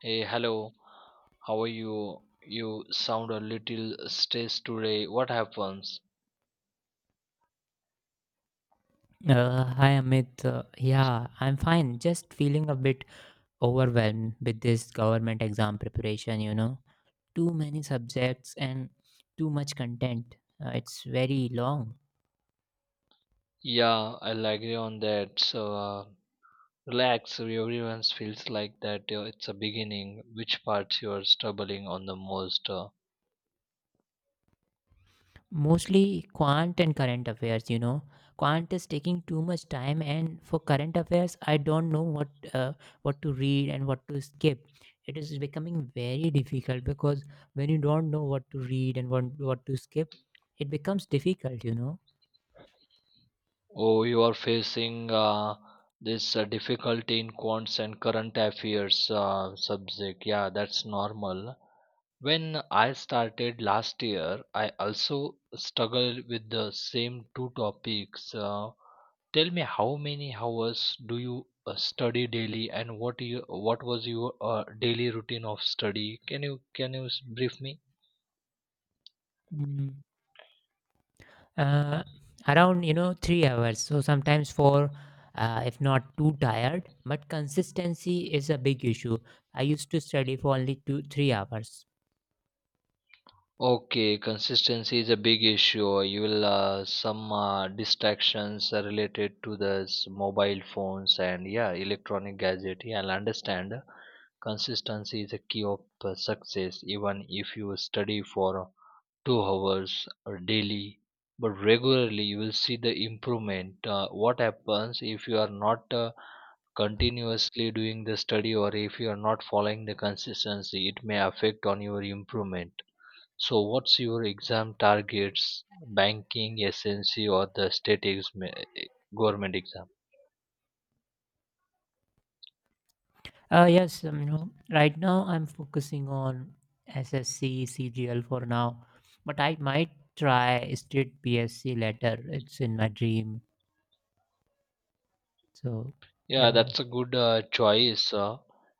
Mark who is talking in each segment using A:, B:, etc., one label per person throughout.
A: Hey, hello. How are you? You sound a little stressed today. What happens?
B: Hi Amit. Yeah, I'm fine. Just feeling a bit overwhelmed with this government exam preparation, you know. Too many subjects and too much content. It's very long.
A: Yeah, I'll agree on that. So relax. Everyone feels like that. It's a beginning. Which parts you're struggling on the most?
B: Mostly quant and current affairs, you know. Quant is taking too much time, and for current affairs, I don't know uh, what to read and what to skip. It is becoming very difficult because when you don't know what to read and what to skip, it becomes difficult.
A: Oh, you are facing this difficulty in quants and current affairs subject. Yeah, that's normal. When I started last year, I also struggled with the same two topics. Tell me, how many hours do you study daily, and what was your daily routine of study? Can you can you brief me?
B: Mm. uh, Around, you know, 3 hours, so sometimes four, if not too tired, but consistency is a big issue. I used to study for only 2, 3 hours
A: Okay, consistency is a big issue. You will some distractions are related to the mobile phones and yeah, electronic gadget. Yeah, I'll understand. Consistency is a key of success. Even if you study for 2 hours or daily, but regularly you will see the improvement. What happens if you are not continuously doing the study or if you are not following the consistency? It may affect on your improvement, so what's your exam targets? Banking, SNC, or the state exam, government exam?
B: Yes. You know, right now I'm focusing on SSC CGL for now, but I might try state PSC later. It's in my dream, so
A: Yeah,
B: yeah.
A: that's a good choice.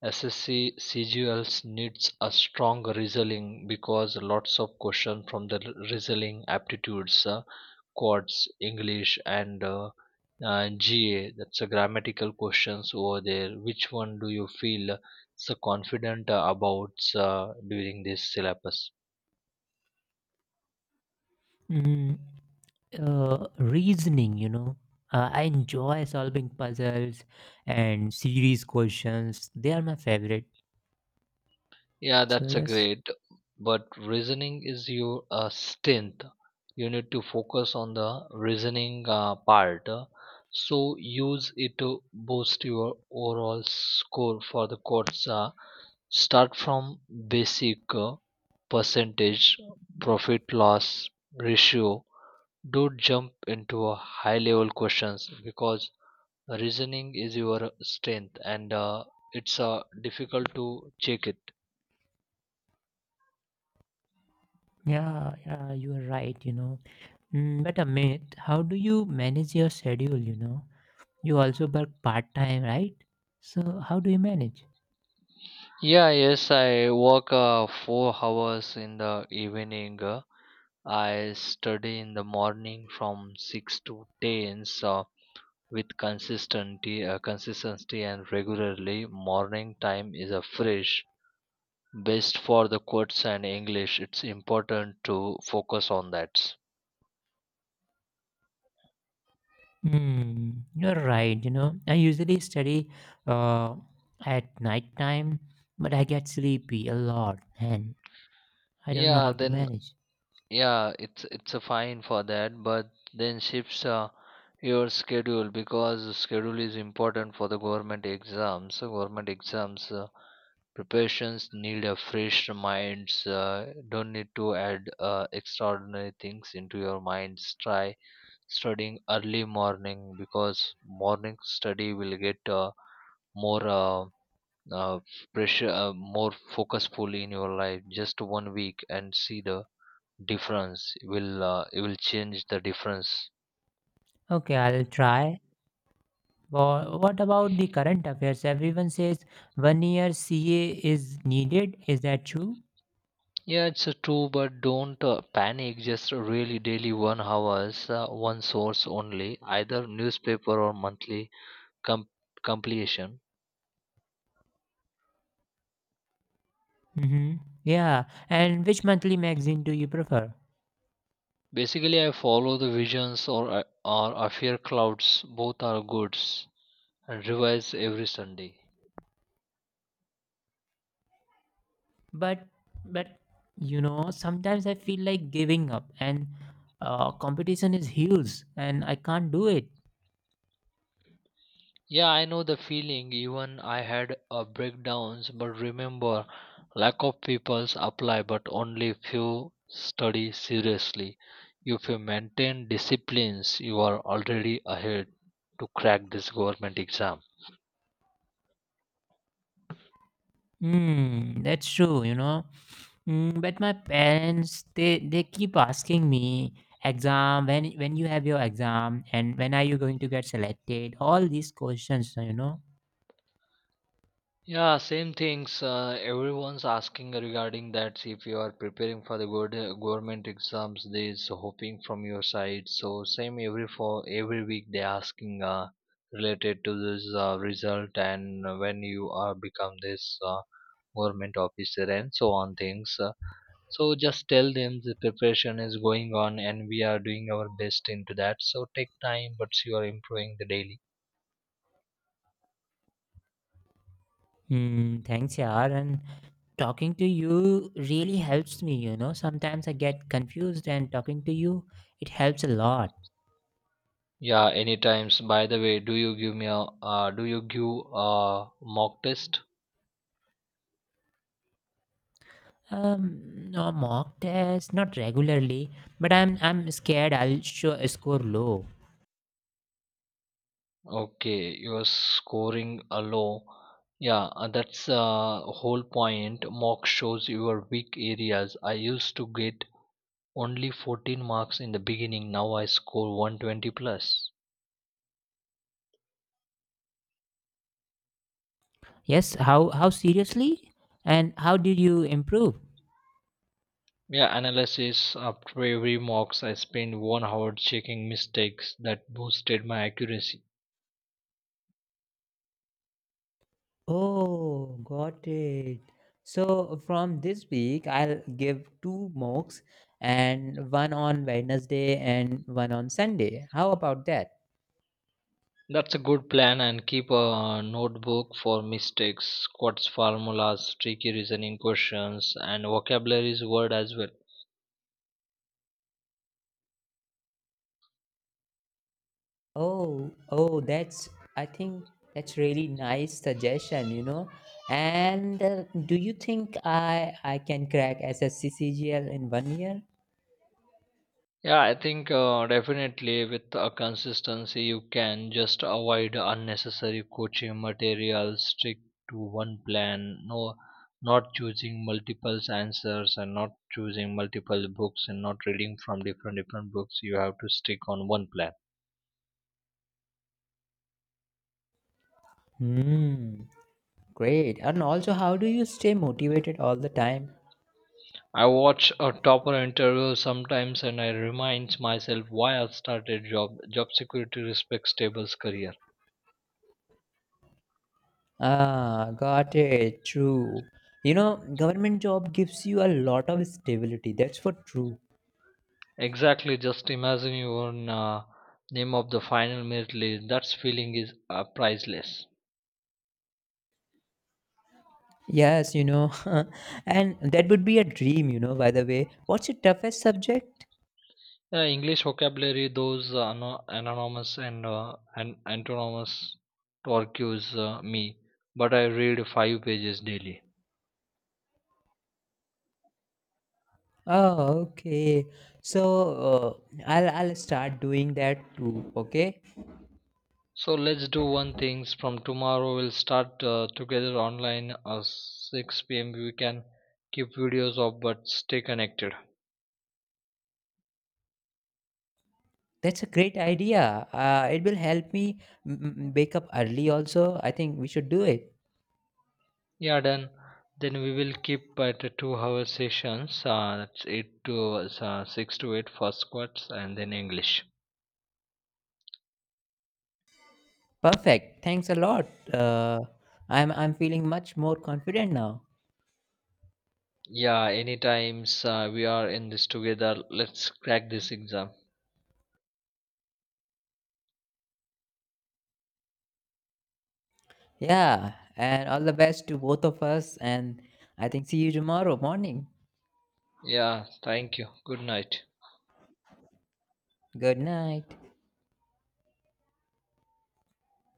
A: SSC CGLs needs a strong reasoning because lots of questions from the reasoning aptitudes, quads, English, and GA. That's a grammatical questions over there. Which one do you feel so confident about during this syllabus?
B: Mhm. Reasoning, you know. I enjoy solving puzzles, and series questions, they are my favorite.
A: Yeah,
B: So
A: that's a
B: yes.
A: great. But reasoning is your strength. You need to focus on the reasoning part. So use it to boost your overall score for the course. Start from basic percentage, profit loss ratio. Don't jump into a high level questions because reasoning is your strength and it's difficult to check it.
B: Yeah, you are right, you know. Mm, but Amit, how do you manage your schedule, you know? You also work part-time, right? So how do you manage?
A: Yeah, yes, I work 4 hours in the evening. I study in the morning from 6 to 10. So with consistency, consistency and regularly, morning time is a fresh, best for the quotes and English. It's important to focus on that.
B: Hmm, you're right. You know, I usually study uh, at night time, but I get sleepy a lot and I don't know
A: Yeah,
B: how to
A: then
B: manage.
A: yeah it's a fine for that, but then shifts your schedule because the schedule is important for the government exams, so government exams preparations need a fresh minds, don't need to add extraordinary things into your minds. Try studying early morning because morning study will get more uh, pressure, more focusful in your life. Just one week and see the difference. It will it will change the difference.
B: Okay, I'll try. What about the current affairs? Everyone says 1 year CA is needed. Is that true?
A: Yeah, it's true, but don't panic. Just really daily 1 hours, one source only, either newspaper or monthly com- compilation.
B: Mm-hmm. Yeah. And which monthly magazine do you prefer?
A: Basically I follow the visions or or affair clouds. Both are goods and revise every Sunday.
B: But, but you know, sometimes I feel like giving up, and competition is huge, and I can't do it.
A: Yeah, I know the feeling. Even I had a breakdowns, but remember, lack of peoples apply, but only few study seriously. If you maintain disciplines, you are already ahead to crack this government exam.
B: Hmm, that's true, you know. Mm, but my parents, they keep asking me, exam, when you have your exam, and when are you going to get selected, all these questions, you know.
A: Yeah, same things. Everyone's asking regarding that. If you are preparing for the good government exams, there's hoping from your side. So same every for every week they asking related to this result and when you are become this government officer and so on things. So just tell them the preparation is going on and we are doing our best into that. So take time, but you are improving the daily.
B: Hmm. Thanks, yaar. And talking to you really helps me, you know. Sometimes I get confused, and talking to you, it helps a lot.
A: Yeah, any times. By the way, do you give a mock test?
B: um no mock test, not regularly, but I'm scared I'll show score low.
A: Okay, you're scoring a low. Yeah, that's whole point. Mock shows your weak areas. I used to get only 14 marks in the beginning. Now I score 120 plus.
B: Yes, how seriously? And how did you improve?
A: Yeah, analysis after every mocks, I spend one hour checking mistakes. That boosted my accuracy.
B: Oh, got it. So from this week, I'll give two mocks, and one on Wednesday and one on Sunday. How about that?
A: That's a good plan, and keep a notebook for mistakes, quotes, formulas, tricky reasoning questions, and vocabularies word as well.
B: Oh, oh, that's, I think that's really nice suggestion, you know. And do you think I can crack SSC CGL in 1 year?
A: Yeah, I think definitely with a consistency you can. Just avoid unnecessary coaching materials, stick to one plan, no, not choosing multiple answers and not choosing multiple books and not reading from different different books. You have to stick on one plan.
B: Hmm. Great. And also, how do you stay motivated all the time?
A: I watch a topper interview sometimes and I remind myself why I started, job security, respects, table's career.
B: Ah, got it. True. You know, government job gives you a lot of stability. That's for true.
A: Exactly, just imagine your own name of the final merit list. That feeling is priceless.
B: Yes, you know, and that would be a dream, you know, by the way. What's your toughest subject?
A: English vocabulary, those anonymous and antonymous torques me, but I read 5 pages daily.
B: Oh, okay. So, I'll start doing that too, okay?
A: So let's do one things from tomorrow. We'll start together online at 6 p.m. We can keep videos off but stay connected.
B: That's a great idea. It will help me wake up early also. I think we should do it.
A: Yeah, done. Then we will keep at a 2-hour sessions. That's eight to six to eight, first squats and then English.
B: Perfect. Thanks a lot. Uh, I'm feeling much more confident now.
A: Yeah, anytimes, we are in this together. Let's crack this exam.
B: Yeah, and all the best to both of us. And I think see you tomorrow morning.
A: Yeah, thank you. Good night.
B: Good night.